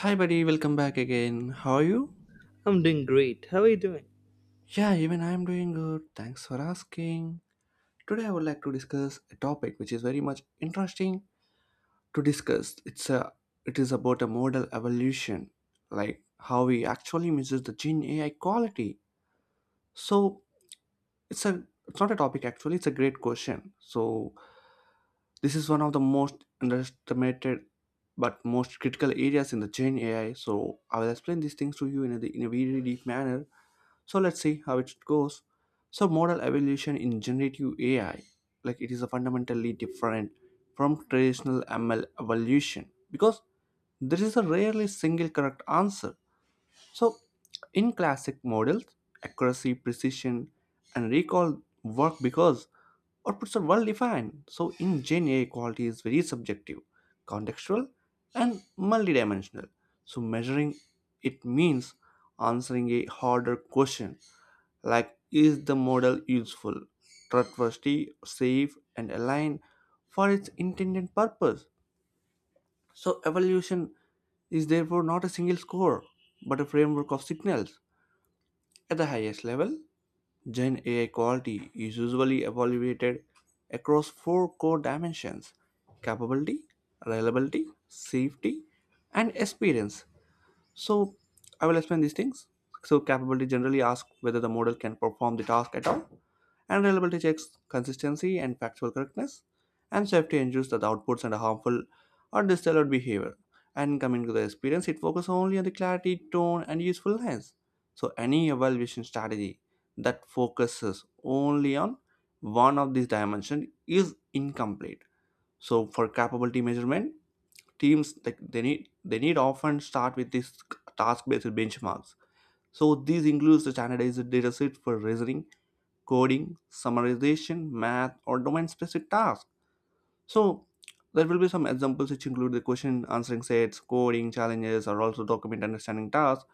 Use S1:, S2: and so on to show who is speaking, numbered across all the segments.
S1: Hi, buddy, welcome back again. How are you?
S2: I'm doing great. How are you doing?
S1: Yeah, even I'm doing good. Thanks for asking. Today, I would like to discuss a topic which is very much interesting to discuss. It's a it is about a modal evolution, like how we actually measure the gene AI quality. So it's a it's not a topic actually. It's a great question. So this is one of the most underestimated but most critical areas in the Gen AI. So I will explain these things to you in a very deep manner. So let's see how it goes. So model evolution in generative AI, like it is a fundamentally different from traditional ML evolution because there is a rarely single correct answer. So in classic models, accuracy, precision, and recall work because outputs are well defined. So in Gen A, quality is very subjective, contextual, and multidimensional. So measuring it means answering a harder question, like is the model useful, trustworthy, safe, and aligned for its intended purpose. So evaluation is therefore not a single score, but a framework of signals at the highest level. Gen AI quality is usually evaluated across four core dimensions: capability, reliability, safety, and experience. So I will explain these things. So capability generally asks whether the model can perform the task at all, and reliability checks consistency and factual correctness, and safety ensures that the outputs and harmful or distilled behavior. And coming to the experience, it focuses only on the clarity, tone, and usefulness. So any evaluation strategy that focuses only on one of these dimensions is incomplete. So for capability measurement, teams like they need often start with these task-based benchmarks. So these includes the standardized dataset for reasoning, coding, summarization, math, or domain-specific tasks. So there will be some examples which include the question answering sets, coding challenges, or also document understanding tasks,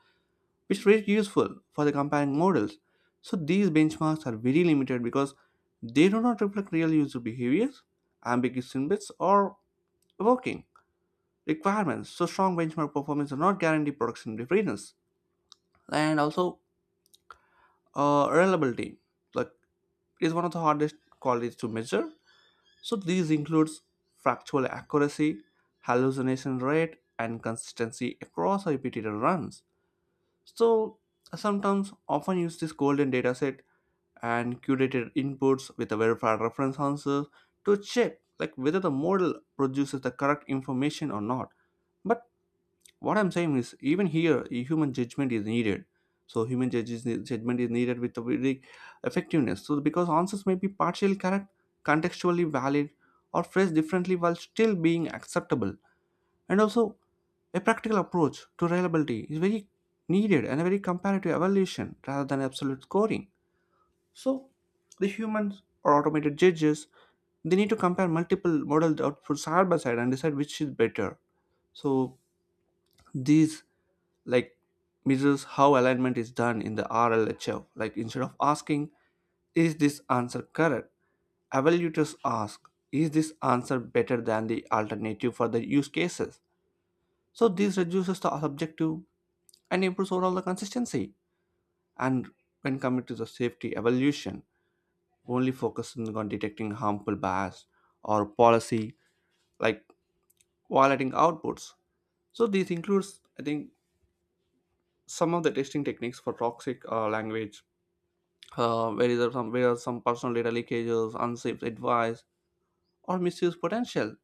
S1: which is very useful for the comparing models. So these benchmarks are very limited because they do not reflect real user behaviors, ambiguous snippets, or working requirements. So strong benchmark performance are not guarantee production readiness and also reliability. Like is one of the hardest qualities to measure. So these includes factual accuracy, hallucination rate, and consistency across repeated runs. So I sometimes often use this golden dataset and curated inputs with a verified reference answer to check like whether the model produces the correct information or not. But what I'm saying is even here a human judgment is needed. So human judges, judgment is needed with a very effectiveness, so because answers may be partially correct, contextually valid, or phrased differently while still being acceptable. And also, a practical approach to reliability is very needed and a very comparative evaluation rather than absolute scoring. So the humans or automated judges, they need to compare multiple model outputs side by side and decide which is better. So these like measures how alignment is done in the RLHF. Like instead of asking, is this answer correct? Evaluators ask, is this answer better than the alternative for the use cases? So this reduces the subjective and improves overall the consistency. And when coming to the safety evaluation, only focusing on detecting harmful bias or policy like violating outputs. So this includes, I think, some of the testing techniques for toxic language, where is there some where are some personal data leakages, unsafe advice, or misuse potential.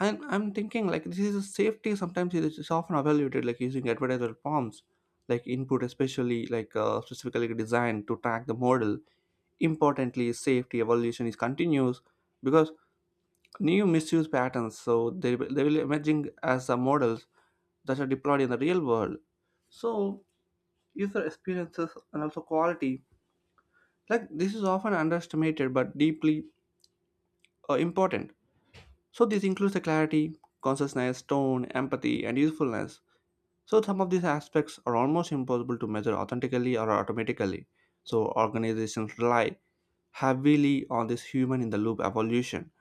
S1: And I'm thinking like this is a safety. Sometimes it's often evaluated like using advertiser prompts, like input especially like specifically designed to track the model. Importantly, safety evaluation is continuous because new misuse patterns, so they will emerging as the models that are deployed in the real world. So user experiences and also quality, like this is often underestimated but deeply important. So this includes the clarity, consciousness, tone, empathy, and usefulness. So some of these aspects are almost impossible to measure authentically or automatically. So organizations rely heavily on this human in the loop evolution,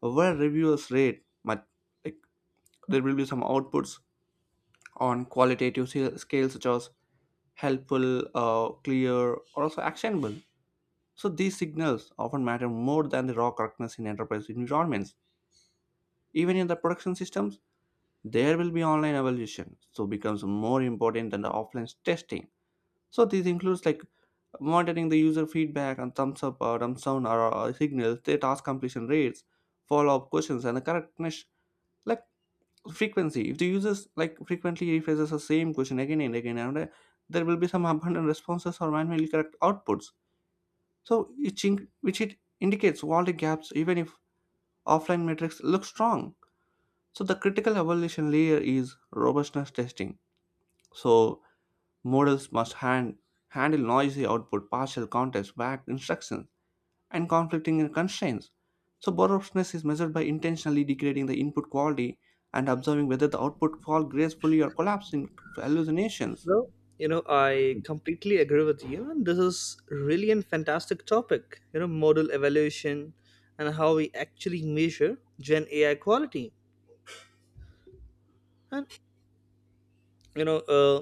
S1: where reviewers rate much, like there will be some outputs on qualitative scale- scales such as helpful, clear, or also actionable. So these signals often matter more than the raw correctness in enterprise environments. Even in the production systems, there will be online evaluation, so becomes more important than the offline testing. So this includes like monitoring the user feedback and thumbs up or thumbs down or signals, their task completion rates, follow-up questions, and the correctness like frequency. If the users like frequently rephrases the same question again and again, and there will be some abundant responses or manually correct outputs. So which it indicates all the gaps even if offline matrix looks strong. So the critical evaluation layer is robustness testing. So models must handle noisy output, partial context, backed instructions, and conflicting constraints. So robustness is measured by intentionally degrading the input quality and observing whether the output falls gracefully or collapsing to hallucinations.
S2: Well, I completely agree with you, and this is really a fantastic topic. Model evaluation and how we actually measure Gen AI quality. And you know, uh,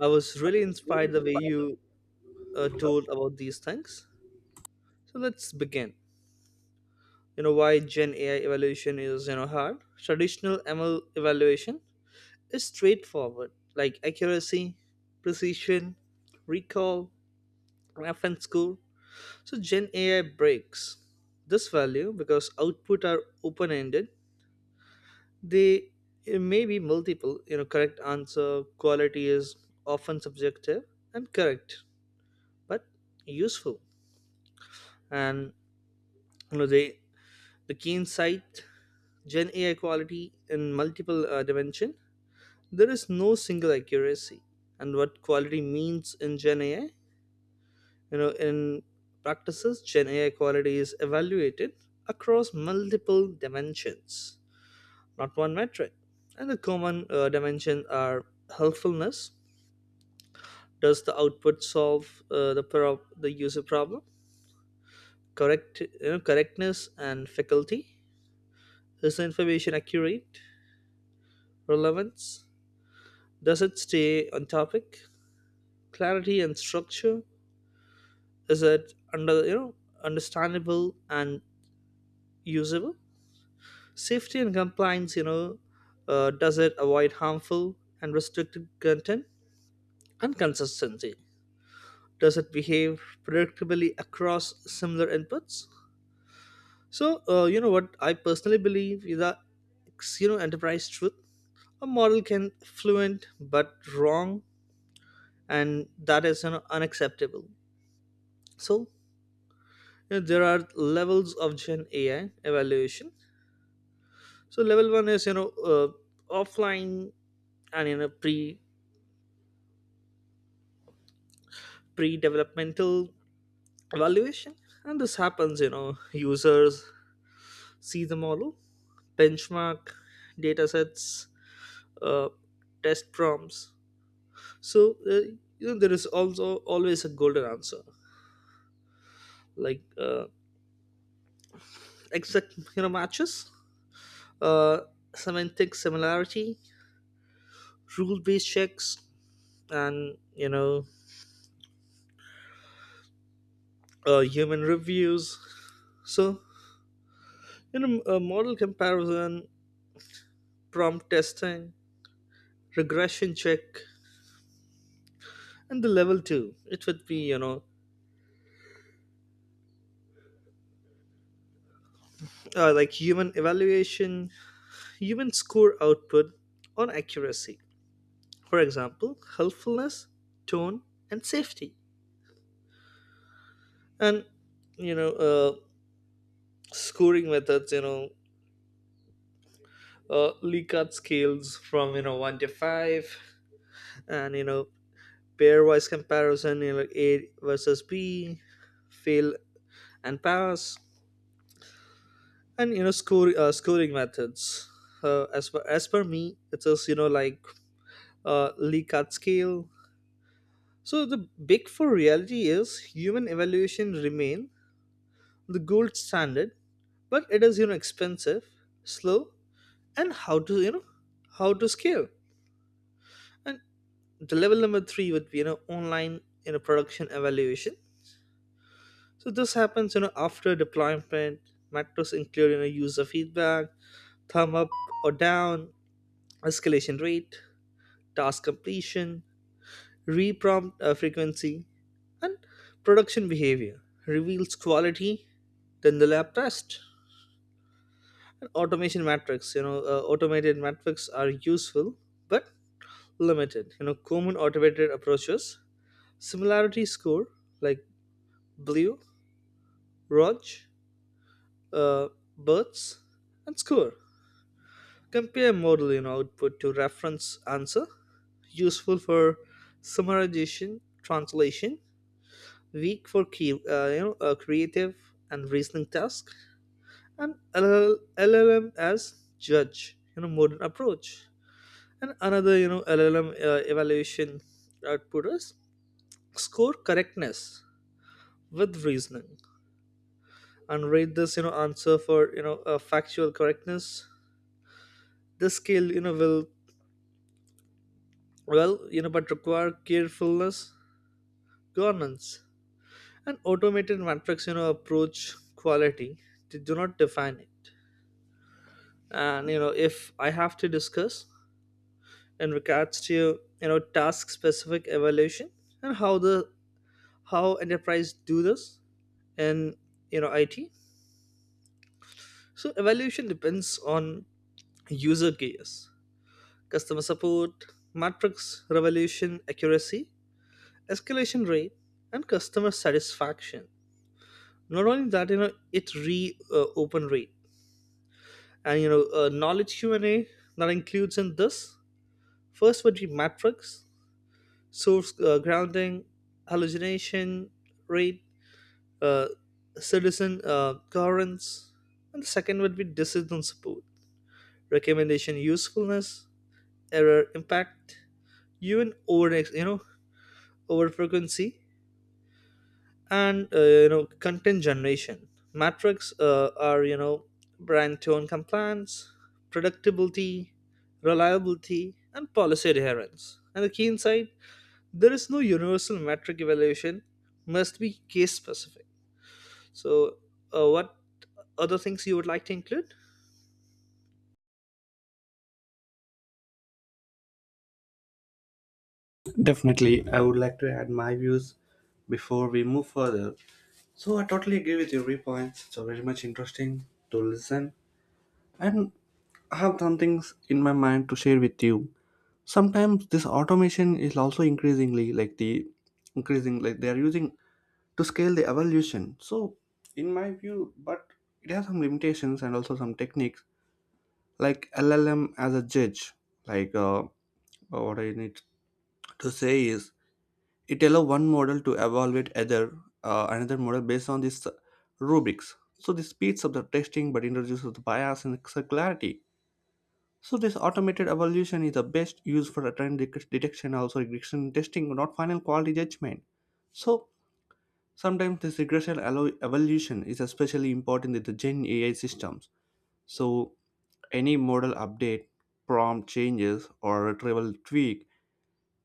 S2: I was really inspired the way you told about these things. So let's begin. Why Gen AI evaluation is hard. Traditional ML evaluation is straightforward, like accuracy, precision, recall, reference score. So Gen AI breaks this value because output are open-ended. They It may be multiple, correct answer, quality is often subjective and correct, but useful. And you know, they the keen sight Gen AI quality in multiple dimension. There is no single accuracy, and what quality means in Gen AI, in practices, Gen AI quality is evaluated across multiple dimensions, not one metric. And the common dimension are helpfulness. Does the output solve the user problem? Correct, correctness and faculty. Is the information accurate? Relevance. Does it stay on topic? Clarity and structure. Is it understandable and usable? Safety and compliance. Does it avoid harmful and restricted content? And consistency, does it behave predictably across similar inputs? So what I personally believe is that enterprise truth, a model can fluent but wrong, and that is, unacceptable. So there are levels of Gen AI evaluation. So level one is, offline and, pre developmental evaluation. And this happens, users see them all, benchmark data sets, uh, test prompts. So there is also always a golden answer, like exact, matches, uh, semantic similarity, rule based checks, and human reviews. So model comparison, prompt testing, regression check. And the level two, it would be, human evaluation. Humans score output on accuracy. For example, helpfulness, tone, and safety. And you know, uh, Scoring methods. Likert scales from, 1 to 5, and, pairwise comparison. You know, A versus B, fail and pass, and, score scoring methods. As per me, it is, Likert scale. So the big four reality is human evaluation remain the gold standard, but it is, expensive, slow, and how to scale. And the level number three would be, online, production evaluation. So this happens, after deployment. Metrics include, user feedback, thumb up or down, escalation rate, task completion, reprompt frequency, and production behavior reveals quality than the lab test. And automation matrix, automated matrix are useful but limited. You know, common automated approaches, similarity score like Blue, Rog, uh, Birds, and Score. Compare model, output to reference answer, useful for summarization, translation, weak for key, creative and reasoning tasks, and LL LLM as judge, modern approach. And another, LLM evaluation output is score correctness with reasoning and rate this, answer for, factual correctness. This skill, well, but require carefulness, governance, and automated metrics, approach quality. They do not define it. And if I have to discuss in regards to task specific evaluation and how enterprise do this in, it. So evaluation depends on user gears, customer support, matrix revolution accuracy, escalation rate, and customer satisfaction. Not only that, it re open rate, and knowledge Q&A, that includes in this. First would be matrix source grounding, hallucination rate, uh, citizen currents. And the second would be decision support, recommendation usefulness, error impact, even over, over frequency, and, content generation. Metrics are brand tone compliance, predictability, reliability, and policy adherence. And the key insight, there is no universal metric, evaluation must be case specific. So what other things you would like to include?
S1: Definitely, I would like to add my views before we move further. So I totally agree with your points. It's very much interesting to listen. And I have some things in my mind to share with you. Sometimes this automation is also increasingly like the increasing like they are using to scale the evolution. So in my view, but it has some limitations and also some techniques like LLM as a judge. Like uh, uh, what I need to say is it allows one model to evaluate other another model based on this rubrics. So this speeds up the testing but introduces the bias and circularity. So this automated evaluation is the best used for a detection, also regression testing, not final quality judgment. So sometimes this evaluation is especially important in the Gen AI systems. So any model update, prompt changes, or retrieval tweak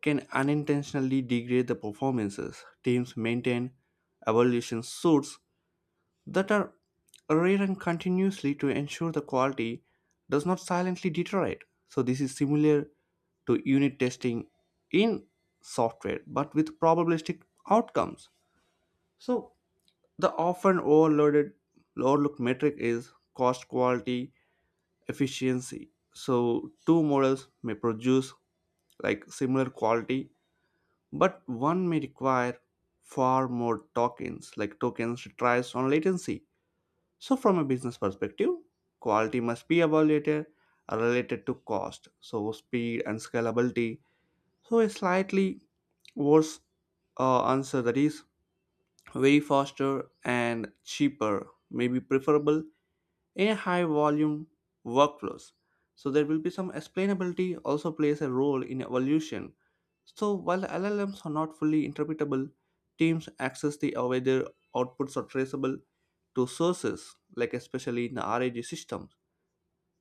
S1: can unintentionally degrade the performances. Teams maintain evaluation suits that are rewritten continuously to ensure the quality does not silently deteriorate. So this is similar to unit testing in software but with probabilistic outcomes. So the often overloaded overlooked metric is cost quality efficiency. So two models may produce like similar quality but one may require far more tokens, like tokens tries on latency. So from a business perspective, quality must be evaluated related to cost, so speed and scalability. So a slightly worse answer that is very faster and cheaper may be preferable in high volume workflows. So there will be some explainability also plays a role in evolution. So while the LLMs are not fully interpretable, teams access the whether outputs are traceable to sources, like especially in the RAG systems,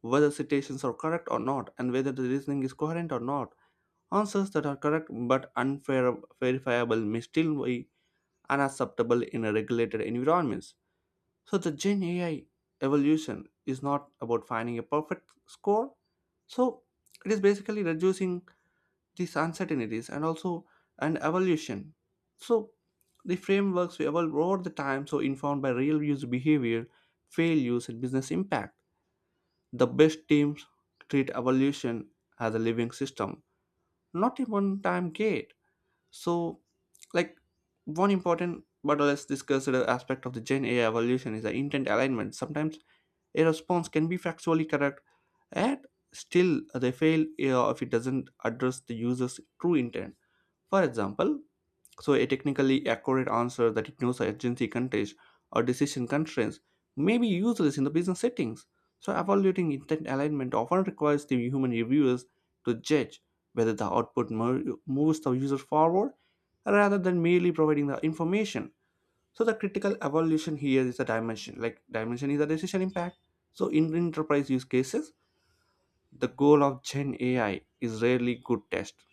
S1: whether citations are correct or not, and whether the reasoning is coherent or not. Answers that are correct but unverifiable may still be unacceptable in a regulated environments. So the Gen AI evolution is not about finding a perfect score. So it is basically reducing these uncertainties and also an evolution. So the frameworks we evolve over the time, so informed by real user behavior, failures, and business impact. The best teams treat evolution as a living system, not a one-time gate. So, like one important but less discussed aspect of the Gen AI evolution is the intent alignment. Sometimes a response can be factually correct, yet still they fail if it doesn't address the user's true intent. For example, so a technically accurate answer that ignores agency context or decision constraints may be useless in the business settings. So evaluating intent alignment often requires the human reviewers to judge whether the moves the user forward rather than merely providing the information. So the critical evaluation here is the dimension is the decision impact. So in enterprise use cases, the goal of Gen AI is rarely good test.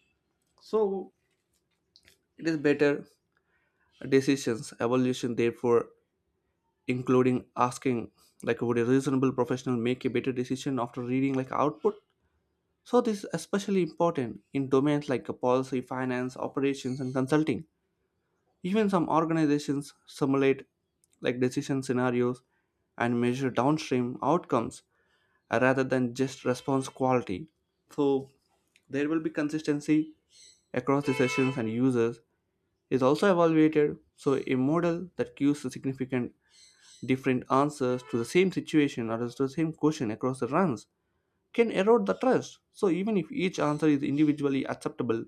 S1: So it is better decisions evaluation therefore including asking like would a reasonable professional make a better decision after reading like output. So this is especially important in domains like policy finance operations and consulting. Even some organizations simulate like decision scenarios and measure downstream outcomes rather than just response quality. So there will be consistency across the sessions and users is also evaluated. So a model that gives a significant different answers to the same situation or to the same question across the runs can erode the trust. So even if each answer is individually acceptable,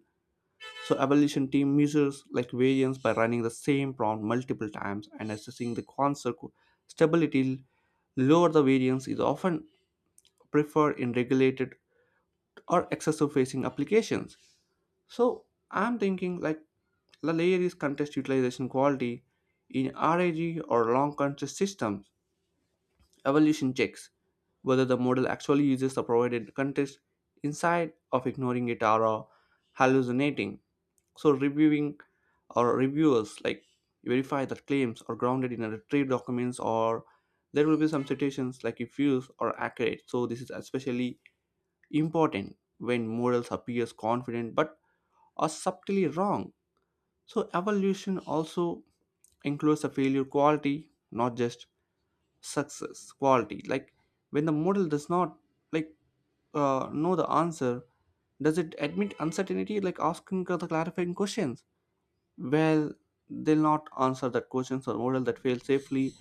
S1: so evaluation team measures like variance by running the same prompt multiple times and assessing the concept stability. Lower the variance is often preferred in regulated or excessive facing applications. So I'm thinking like the layer is contest utilization quality in RAG or long contest systems. Evaluation checks whether the model actually uses the provided context inside of ignoring it or hallucinating. So reviewing or reviewers like verify that claims are grounded in retrieved documents or there will be some citations like if views are accurate. So this is especially important when models appears confident but are subtly wrong. So evolution also includes the failure quality, not just success quality, when the model does not like know the answer, does it admit uncertainty, like asking the clarifying questions, well, they'll not answer that questions, or model that fail safely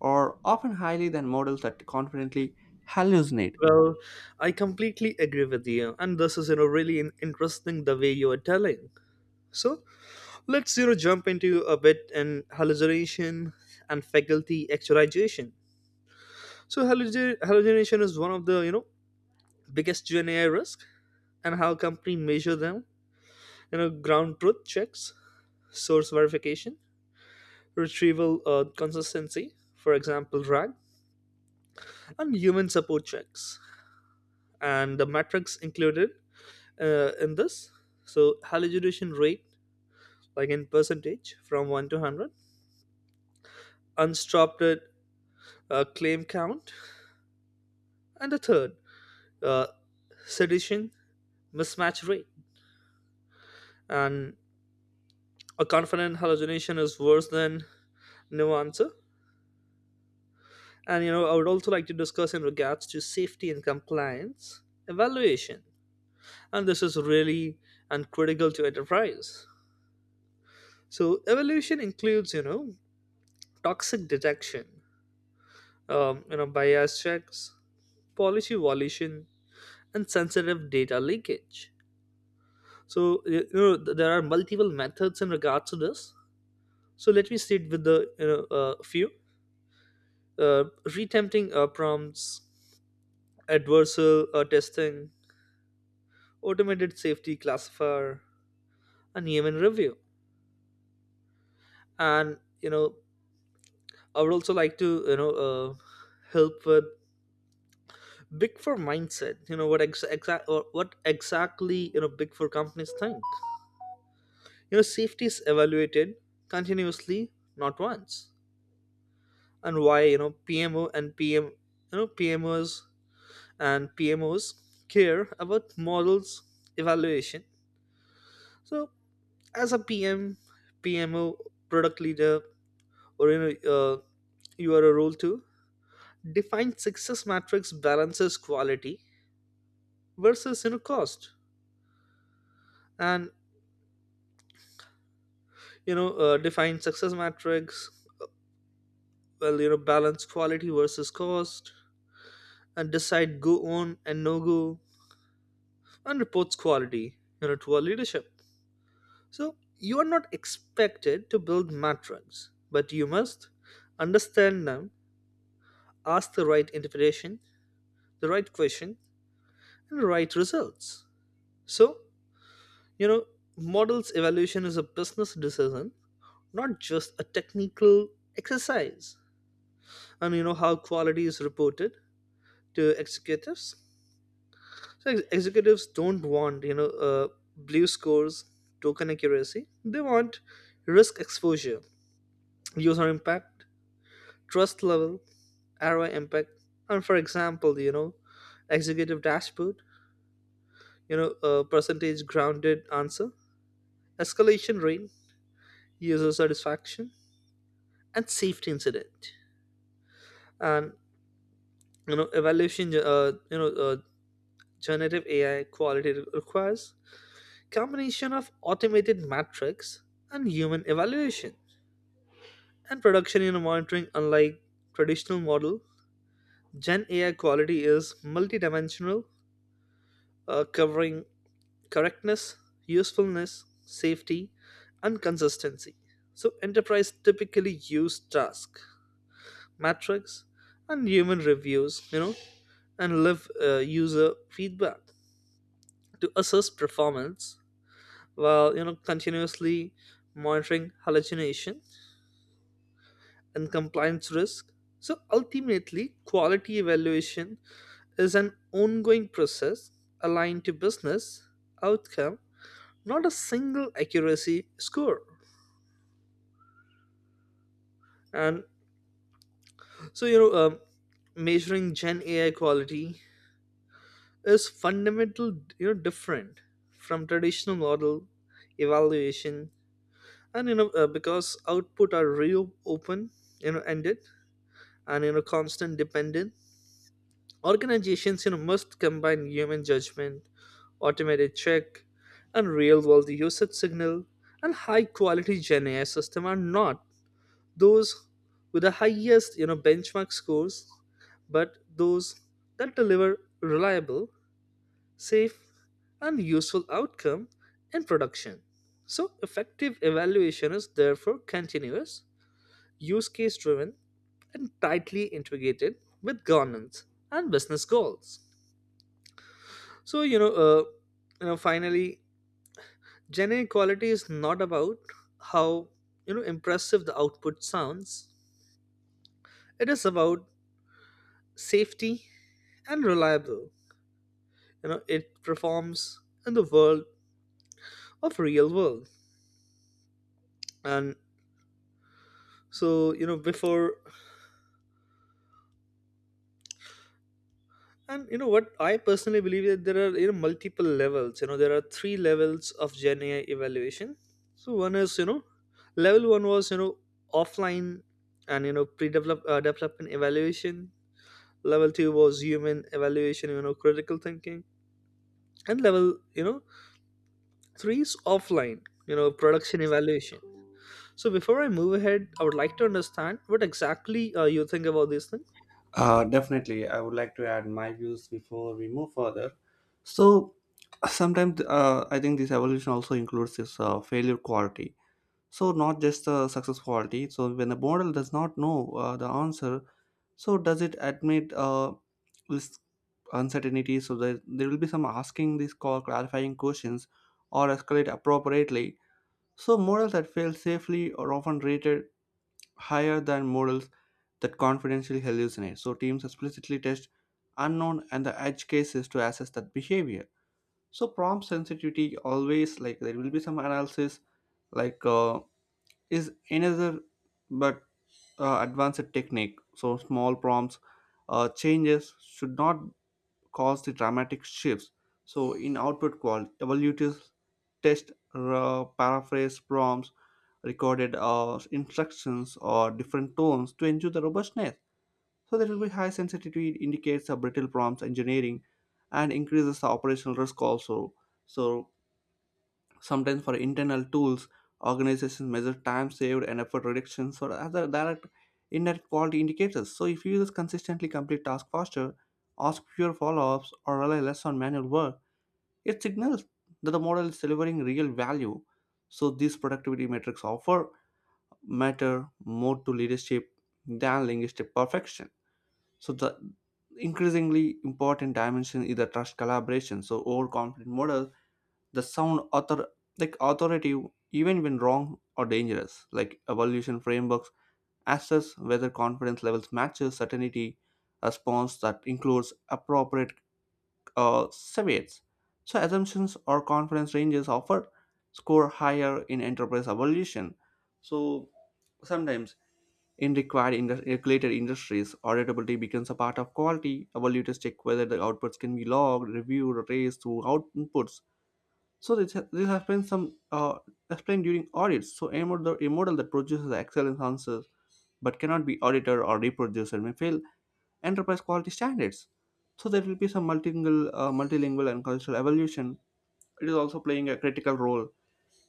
S1: or often highly than models that confidently hallucinate.
S2: Well, I completely agree with you, and this is, really interesting the way you are telling. So let's, jump into a bit in hallucination and faculty actualization. So hallucination is one of the, biggest GNI risk. And how company measure them, ground truth checks, source verification, retrieval consistency, for example, RAG, and human support checks. And the metrics included in this, so hallucination rate, like in percentage from 1 to 100, unstopped claim count, and the third, uh, sedition mismatch rate. And a confident hallucination is worse than no answer. And, I would also like to discuss in regards to safety and compliance evaluation. And this is really and critical to enterprise. So evaluation includes, toxic detection, bias checks, policy violation, and sensitive data leakage. So there are multiple methods in regards to this. So let me start with the, few uh, retempting prompts, adversarial testing, automated safety classifier, and human review. And, I would also like to, help with big four mindset. You know what ex- exact or what exactly, big four companies think. You know safety is evaluated continuously, not once. And why, PMO and PM you know PMOs and PMOs care about models evaluation. So as a PM, PMO, product leader, or, you are a role to define success matrix, balances quality versus, cost. And, define success metrics. Well, balance quality versus cost, and decide go on and no go, and reports quality, to our leadership. So you are not expected to build metrics, but you must understand them, ask the right interpretation, the right question, and the right results. So, you know models evaluation is a business decision, not just a technical exercise. And, how quality is reported to executives. So executives don't want, blue scores, token accuracy. They want risk exposure, user impact, trust level, ROI impact. And for example, executive dashboard, percentage grounded answer, escalation rate, user satisfaction, and safety incident. And, evaluation, generative AI quality requires combination of automated metrics and human evaluation and production in monitoring. Unlike traditional model, Gen AI quality is multidimensional, covering correctness, usefulness, safety, and consistency. So enterprise typically use task metrics and human reviews, and live user feedback to assess performance, while, continuously monitoring hallucination and compliance risk. So ultimately, quality evaluation is an ongoing process aligned to business outcome, not a single accuracy score. And so, measuring Gen AI quality is fundamental, different from traditional model evaluation. Because output are real, open, ended, and, constant dependent, organizations, must combine human judgment, automated check, and real world usage signal. And high quality Gen AI system are not those with the highest, benchmark scores, but those that deliver reliable, safe, and useful outcome in production. So effective evaluation is therefore continuous, use case driven, and tightly integrated with governance and business goals. So, finally, gender equality is not about how, impressive the output sounds. It is about safety and reliable. You know, it performs in the world of real world. And so, before, and you know what I personally believe that there are, multiple levels. You know, there are 3 levels of Gen AI evaluation. So one is, level one was, offline and, pre-develop development evaluation. Level two was human evaluation, critical thinking. And level, three is offline, production evaluation. So before I move ahead, I would like to understand what exactly, you think about these things.
S1: Definitely I would like to add my views before we move further. So sometimes, I think this evolution also includes this failure quality, so not just the success quality. So when the model does not know the answer, so does it admit this uncertainty, so there will be some asking these call clarifying questions or escalate appropriately. So models that fail safely are often rated higher than models that confidentially hallucinate. So teams explicitly test unknown and the edge cases to assess that behavior. So prompt sensitivity, always, like there will be some analysis, like uh, is another, but advanced technique. So small prompts changes should not cause the dramatic shifts. So in output quality, evaluative test paraphrase prompts, recorded instructions, or different tones to ensure the robustness. So there will be high sensitivity indicates a brittle prompts engineering and increases the operational risk also. So sometimes for internal tools, organizations measure time saved and effort reductions or other direct indirect quality indicators. So if users consistently complete tasks faster, ask fewer follow-ups, or rely less on manual work, it signals that the model is delivering real value. So these productivity metrics offer matter more to leadership than linguistic perfection. So the increasingly important dimension is the trust collaboration. So overconfident models the sound author, like authoritative, even when wrong or dangerous, like evaluation frameworks assess whether confidence levels matches certainty. Response that includes appropriate uh, caveats, so assumptions or confidence ranges offer score higher in enterprise evaluation. So sometimes in regulated industries, auditability becomes a part of quality. Evaluators check whether the outputs can be logged, reviewed, or raised through outputs, so this has been some explained during audits. So a model that produces excellent answers but cannot be audited or reproduced may fail enterprise quality standards. So there will be some multilingual and cultural evolution. It is also playing a critical role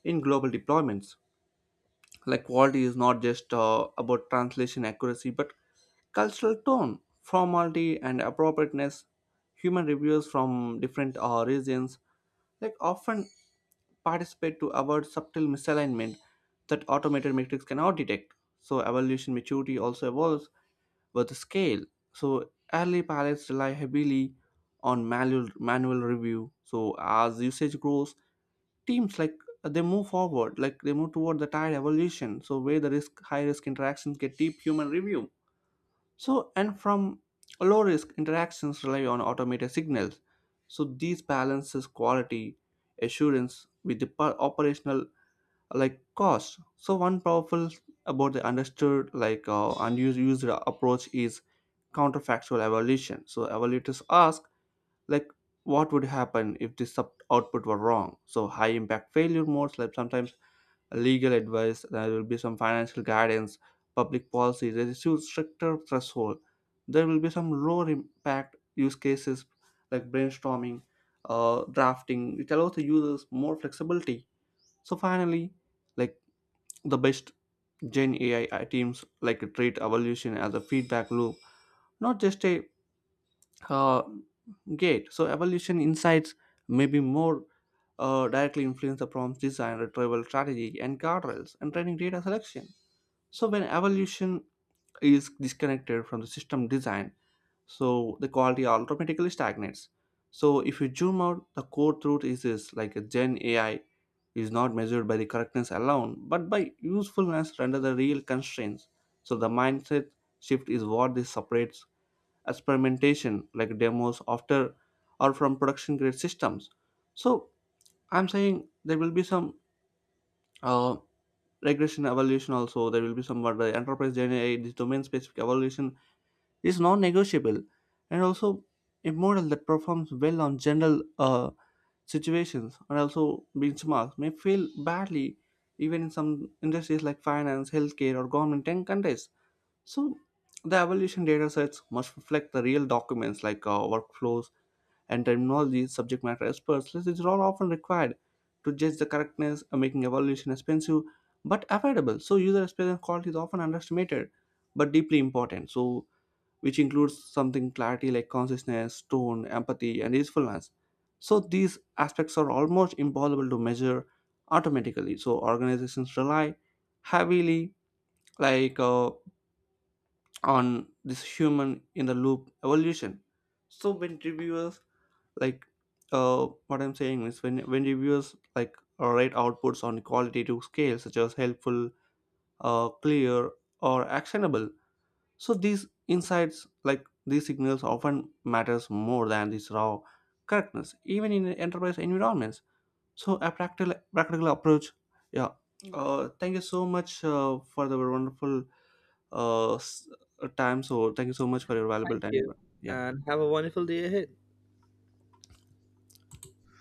S1: in global deployments. Like quality is not just about translation accuracy, but cultural tone, formality, and appropriateness. Human reviewers from different regions like often participate to avoid subtle misalignment that automated metrics cannot detect. So evaluation maturity also evolves with the scale. So early pilots rely heavily on manual review. So as usage grows, teams like they move forward, like they move toward the tide evolution. So where the risk, high risk interactions get deep human review. So and from low risk interactions rely on automated signals. So these balances quality assurance with the operational like cost. So one powerful, about the understood, like unused used approach is counterfactual evaluation. So evaluators ask like, what would happen if this output were wrong. So high impact failure modes, like sometimes legal advice, there will be some financial guidance, public policy, there is huge stricter threshold. There will be some lower impact use cases like brainstorming, drafting, which allows the users more flexibility. So finally, like the best Gen AI teams like treat evolution as a feedback loop, not just a uh, gate. So evolution insights may be more directly influence the prompt design, retrieval strategy, and guardrails, and training data selection. So when evolution is disconnected from the system design, so the quality automatically stagnates. So if you zoom out, the core truth is this, like a Gen AI is not measured by the correctness alone, but by usefulness under the real constraints. So the mindset shift is what this separates experimentation like demos after, or from production grade systems. So I'm saying there will be some uh, regression evolution also. There will be some what the enterprise Gen AI, this domain specific evolution is non-negotiable, and also a model that performs well on general situations and also benchmarks may fail badly even in some industries like finance, healthcare, or government and countries. So the evaluation data sets must reflect the real documents, like workflows and terminology. Subject matter experts which are all often required to judge the correctness and making evaluation expensive but affordable. So user experience quality is often underestimated but deeply important, so which includes something clarity, like consciousness, tone, empathy, and usefulness. So these aspects are almost impossible to measure automatically. So organizations rely heavily, like uh, on this human in the loop evolution. So when reviewers like, what I'm saying is when reviewers write outputs on qualitative scale such as helpful, clear, or actionable, so these insights, like these signals, often matters more than this raw correctness, even in enterprise environments. So a practical approach. Yeah. Thank you so much for the wonderful uh, s- time. So thank you so much for your valuable
S2: Thank
S1: time.
S2: you,
S1: Yeah.
S2: and have a wonderful day ahead.